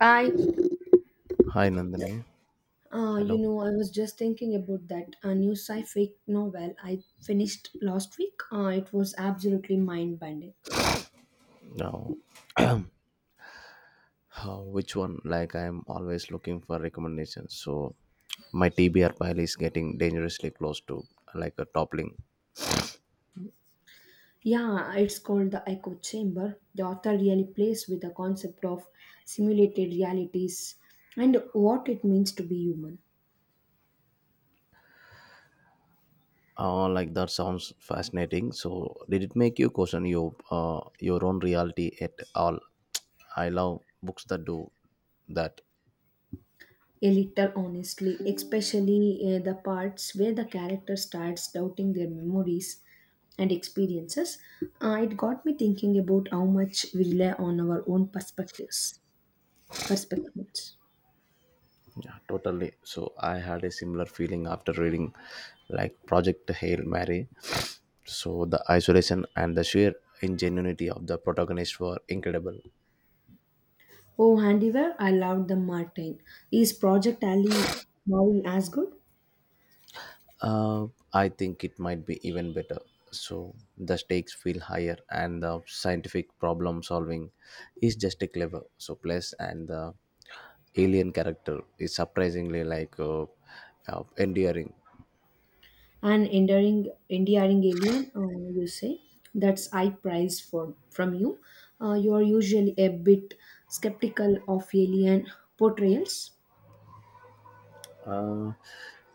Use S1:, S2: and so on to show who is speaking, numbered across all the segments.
S1: I,
S2: Hi Nandini. Hello.
S1: I was just thinking about that new sci-fi novel I finished last week. It was absolutely mind-bending.
S2: Now, how, which one? Like I'm always looking for recommendations. So my TBR pile is getting dangerously close to like a toppling.
S1: Yeah, it's called The Echo Chamber. The author really plays with the concept of simulated realities and what it means to be human.
S2: Oh, like that sounds fascinating. So did it make you question your own reality at all? I love books that do that.
S1: A little honestly, especially the parts where the character starts doubting their memories and experiences. It got me thinking about how much we rely on our own perspectives.
S2: Yeah, totally. So I had a similar feeling after reading like Project Hail Mary. So the isolation and the sheer ingenuity of the protagonist were incredible.
S1: Oh, handiware, I loved the Martin. Is Project Ali Maui as good?
S2: Uh, I think it might be even better. So the stakes feel higher and the scientific problem solving is just a clever. So plus and the alien character is surprisingly endearing.
S1: An endearing alien, you say? That's I prize for from you. You are usually a bit skeptical of alien portrayals.
S2: Uh,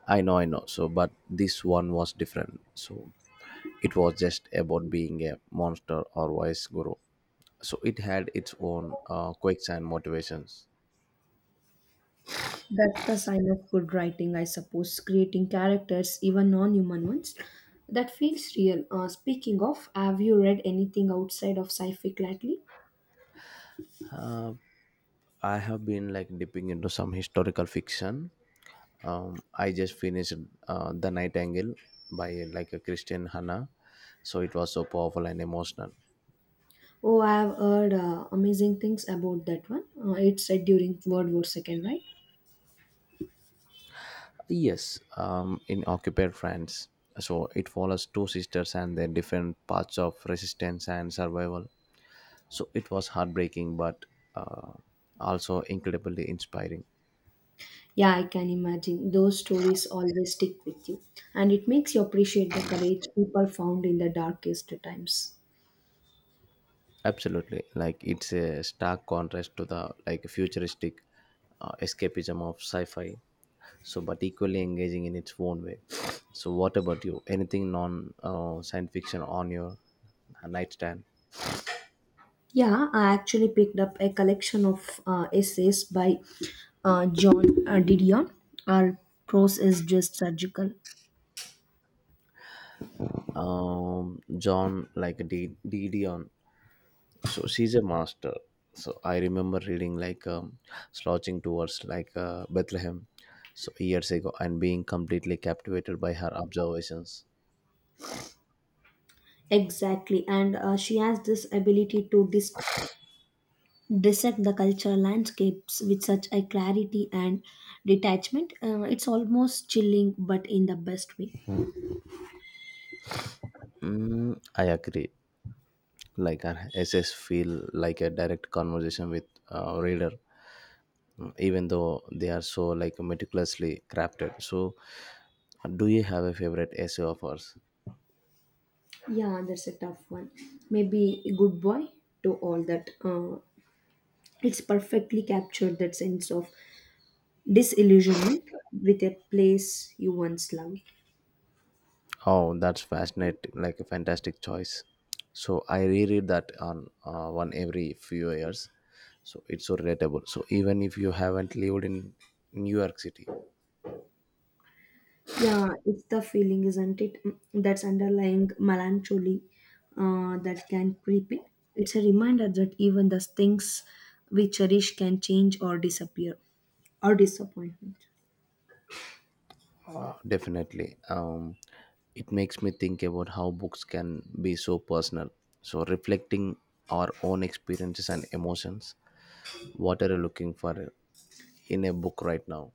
S2: I know, I know. So, but this one was different. So, it was just about being a monster or wise guru. So, it had its own quirks and motivations.
S1: That's the sign of good writing, I suppose. Creating characters, even non-human ones, that feels real. Speaking of, have you read anything outside of sci-fi lately?
S2: Uh, I have been like dipping into some historical fiction. I just finished The Nightingale by like a Christian Hannah. So, it was so powerful and emotional.
S1: Oh, I've heard amazing things about that one. It's set during World War Second, right?
S2: Yes, in occupied France. So it follows two sisters and their different paths of resistance and survival. So it was heartbreaking, but uh, also incredibly inspiring.
S1: Yeah, I can imagine. Those stories always stick with you, and it makes you appreciate the courage people found in the darkest times.
S2: Absolutely, like it's a stark contrast to the like futuristic escapism of sci-fi. So, but equally engaging in its own way. So, what about you? Anything non science fiction on your nightstand?
S1: Yeah, I actually picked up a collection of essays by John Didion. Our prose is just surgical.
S2: John, like Didion on, so she's a master. So I remember reading slouching towards Bethlehem so years ago and being completely captivated by her observations.
S1: Exactly, and she has this ability to dissect the cultural landscapes with such a clarity and detachment. It's almost chilling, but in the best way.
S2: I agree, like her essays feel like a direct conversation with a reader, even though they are so like meticulously crafted. So do you have a favorite essay of hers?
S1: Yeah, that's a tough one. Maybe Good Boy to all that. It's perfectly captured that sense of disillusionment with a place you once loved.
S2: Oh, that's fascinating! Like a fantastic choice. So I reread that on one every few years. So it's so relatable. So even if you haven't lived in New York City,
S1: Yeah, it's the feeling, isn't it? Mm, that's underlying melancholy that can creep in. It's a reminder that even the things we cherish can change or disappear or disappointment.
S2: definitely. It makes me think about how books can be so personal. So reflecting our own experiences and emotions. What are you looking for in a book right now?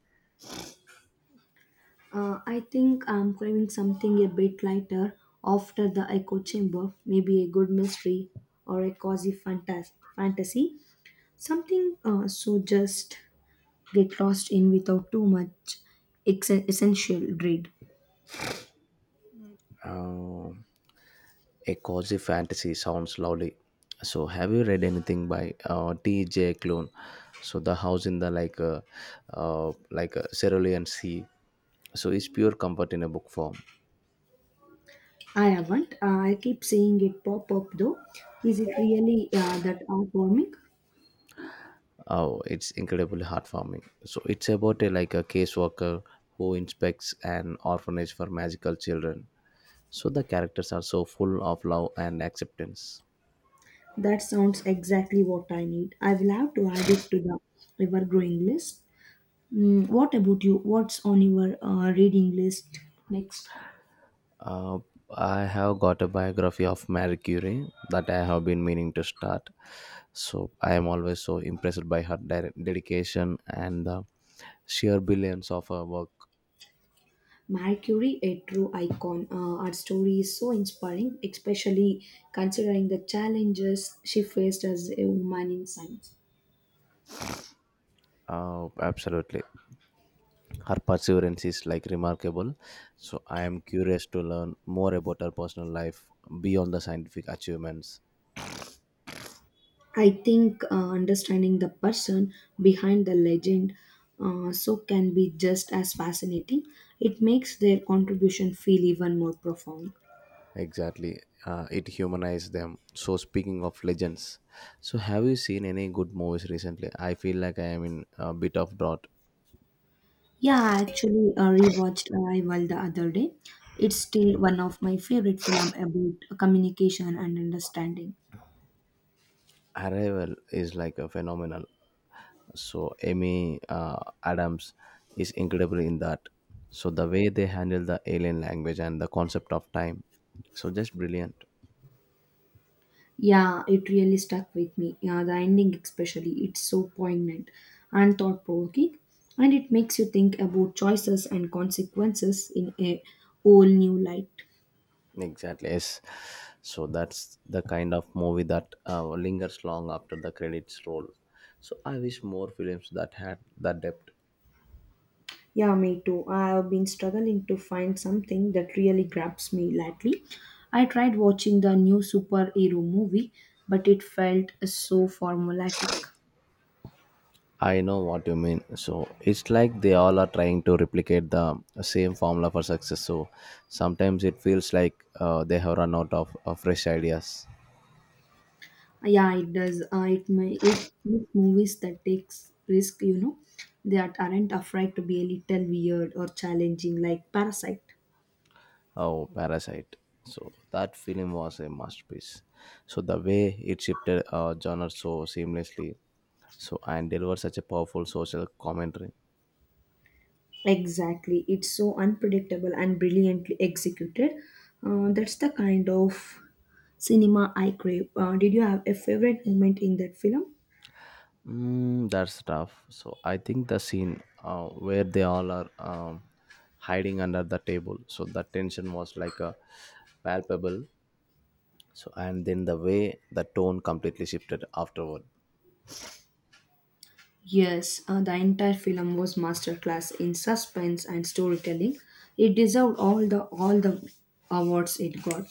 S1: I think I'm craving something a bit lighter after the echo chamber, maybe a good mystery or a cozy fantasy. Something so just get lost in without too much essential dread.
S2: Um A cozy fantasy sounds lovely. So, have you read anything by T.J. Klune? So, the house in the like a cerulean sea. So, it's pure comfort in a book form.
S1: I haven't. I keep seeing it pop up though. Is it really that heartwarming?
S2: Oh, it's incredibly heartwarming. So, it's about a like a caseworker who inspects an orphanage for magical children. So, the characters are so full of love and acceptance.
S1: That sounds exactly what I need. I will have to add it to the ever-growing list. Mm, what about you? What's on your reading list next?
S2: Uh, I have got a biography of Marie Curie that I have been meaning to start. So I am always so impressed by her dedication and the sheer brilliance of her work.
S1: Mercury, a true icon. Her story is so inspiring, especially considering the challenges she faced as a woman in science.
S2: Absolutely, her perseverance is like remarkable. So I am curious to learn more about her personal life beyond the scientific achievements.
S1: I think understanding the person behind the legend so can be just as fascinating. It makes their contribution feel even more profound.
S2: Exactly, it humanized them. So speaking of legends, so have you seen any good movies recently? I feel like I am in a bit of drought.
S1: Yeah, I actually rewatched Arrival the other day. It's still one of my favorite film about communication and understanding.
S2: Arrival is like a phenomenal. So Amy Adams is incredible in that. So the way they handle the alien language and the concept of time, so just brilliant.
S1: Yeah, it really stuck with me. Yeah, the ending especially, it's so poignant and thought provoking, and it makes you think about choices and consequences in a whole new light.
S2: Exactly. Yes. So that's the kind of movie that lingers long after the credits roll. So I wish more films that had that depth.
S1: Yeah, me too. I've been struggling to find something that really grabs me lately. I tried watching the new superhero movie, but it felt so formulaic.
S2: I know what you mean. So it's like they all are trying to replicate the same formula for success. So sometimes it feels like they have run out of fresh ideas.
S1: Yeah, it does. It may it makes movies that takes risk, you know, that aren't afraid to be a little weird or challenging, like Parasite.
S2: Oh, Parasite. So that film was a masterpiece. So the way it shifted genre so seamlessly, so and delivered such a powerful social commentary.
S1: Exactly. It's so unpredictable and brilliantly executed. That's the kind of cinema I crave. Did you have a favorite moment in that film?
S2: Mm, that's tough. So I think the scene where they all are hiding under the table, so the tension was like a palpable so and then the way the tone completely shifted afterward.
S1: Yes, the entire film was masterclass in suspense and storytelling. It deserved all the awards it got.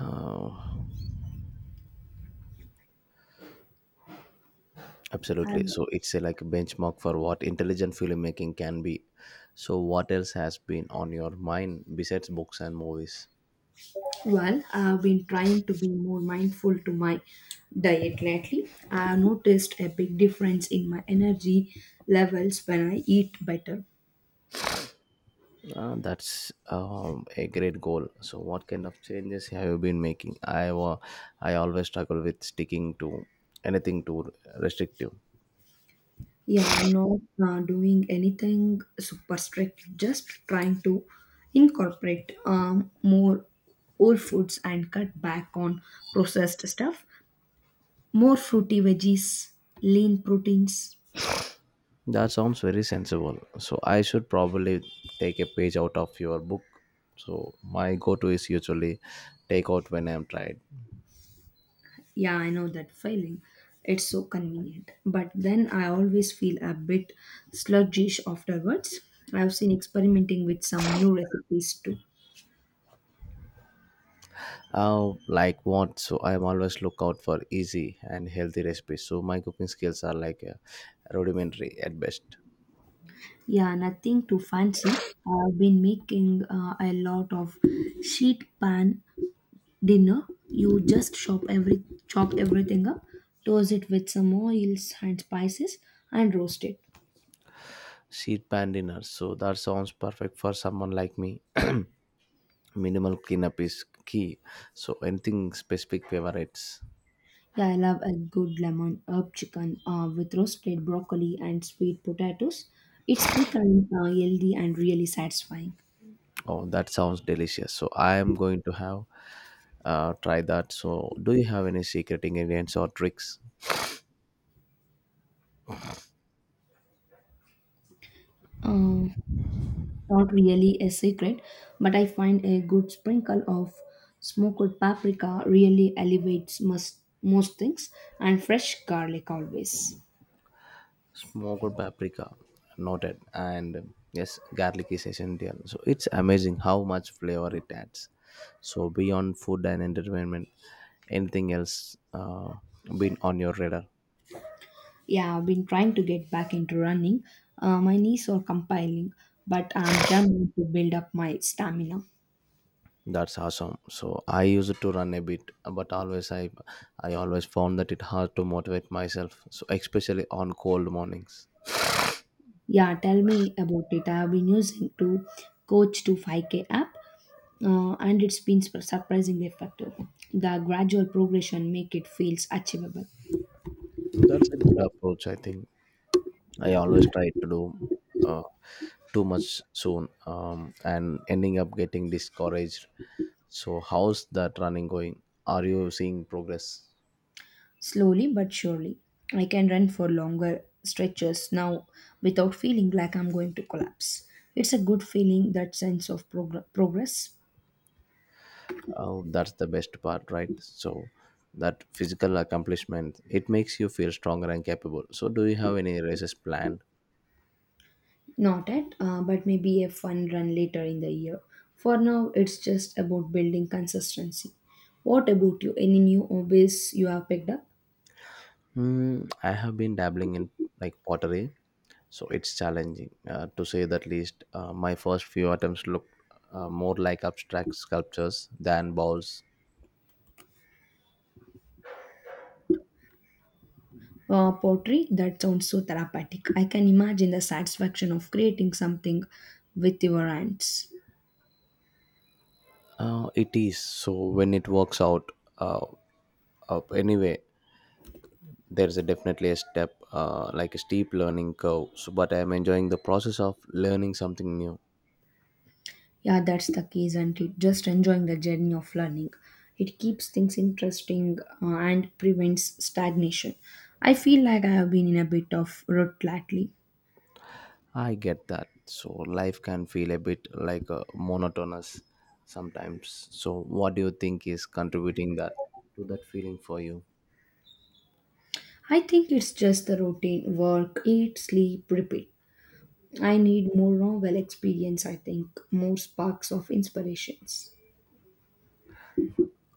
S2: uh, absolutely,
S1: And
S2: so it's a, like a benchmark for what intelligent filmmaking can be. So what else has been on your mind besides books and movies?
S1: well, I've been trying to be more mindful to my diet lately. I've noticed a big difference in my energy levels when I eat better.
S2: That's a great goal. So what kind of changes have you been making? I always struggle with sticking to anything too restrictive.
S1: Yeah, I'm not doing anything super strict, just trying to incorporate more whole foods and cut back on processed stuff. More fruity veggies, lean proteins.
S2: That sounds very sensible. So I should probably take a page out of your book. So my go-to is usually take out when I'm tired.
S1: Yeah, I know that feeling. It's so convenient. But then I always feel a bit sluggish afterwards. I've seen experimenting with some new recipes too.
S2: Like what? So I'm always look out for easy and healthy recipes. So my cooking skills are rudimentary at best.
S1: Yeah, nothing too fancy. I've been making a lot of sheet pan dinner. You just chop everything up, toss it with some oils and spices, and roast it.
S2: Sheet pan dinner. So that sounds perfect for someone like me. Minimal cleanup is key. So anything specific favorites?
S1: Yeah, I love a good lemon herb chicken with roasted broccoli and sweet potatoes. It's quick and healthy and really satisfying.
S2: Oh, that sounds delicious. So I am going to have try that. So do you have any secret ingredients or tricks?
S1: Uh, Not really a secret, but I find a good sprinkle of smoked paprika really elevates most things, and fresh garlic always.
S2: Smoked paprika, noted. And yes, garlic is essential. So it's amazing how much flavor it adds. So beyond food and entertainment, anything else been on your radar?
S1: Yeah, I've been trying to get back into running. My knees are compiling, but I'm determined to build up my stamina.
S2: That's awesome. So I used to run a bit, but always I always found that it hard to motivate myself. So especially on cold mornings.
S1: Yeah, tell me about it. I have been using to coach to 5k app and it's been surprisingly effective. The gradual progression make it feels achievable.
S2: That's a good approach, I think. I always try to do uh, too much soon and ending up getting discouraged. So, how's that running going? Are you seeing progress?
S1: Slowly but surely, I can run for longer stretches now without feeling like I'm going to collapse. It's a good feeling that sense of progress.
S2: Oh, that's the best part, right? So, that physical accomplishment it makes you feel stronger and capable. So, do you have any races planned?
S1: Not yet, but maybe a fun run later in the year. For now, it's just about building consistency. What about you? Any new hobbies you have picked up?
S2: Hmm. I have been dabbling in like pottery, so it's challenging to say the least. My first few attempts look more like abstract sculptures than bowls.
S1: Pottery? That sounds so therapeutic. I can imagine the satisfaction of creating something with your hands.
S2: It is so when it works out. Uh, anyway, there is a definitely a step like a steep learning curve. So, but I am enjoying the process of learning something new.
S1: Yeah, that's the key, isn't it? Just enjoying the journey of learning. It keeps things interesting and prevents stagnation. I feel like I have been in a bit of rut lately.
S2: I get that. So life can feel a bit like a monotonous sometimes. So what do you think is contributing that to that feeling for you?
S1: I think it's just the routine work, eat, sleep, repeat. I need more novel experience, I think, more sparks of inspirations.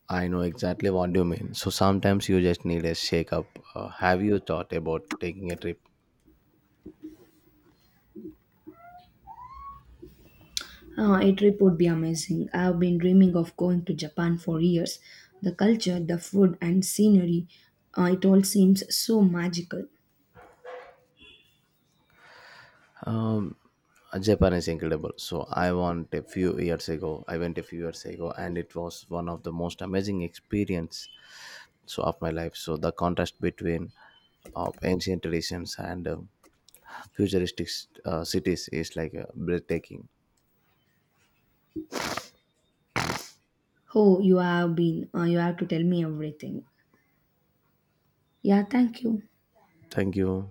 S2: I know exactly what you mean. So sometimes you just need a shake up. Have you thought about taking a trip?
S1: Ah, a trip would be amazing. I've been dreaming of going to Japan for years. The culture, the food, and scenery, ah, it all seems so magical.
S2: Um, Japan is incredible. So I went a few years ago. And it was one of the most amazing experience so of my life. So the contrast between of ancient traditions and futuristic cities is breathtaking.
S1: Oh, you have been, ah, you have to tell me everything. Yeah, thank you.
S2: Thank you.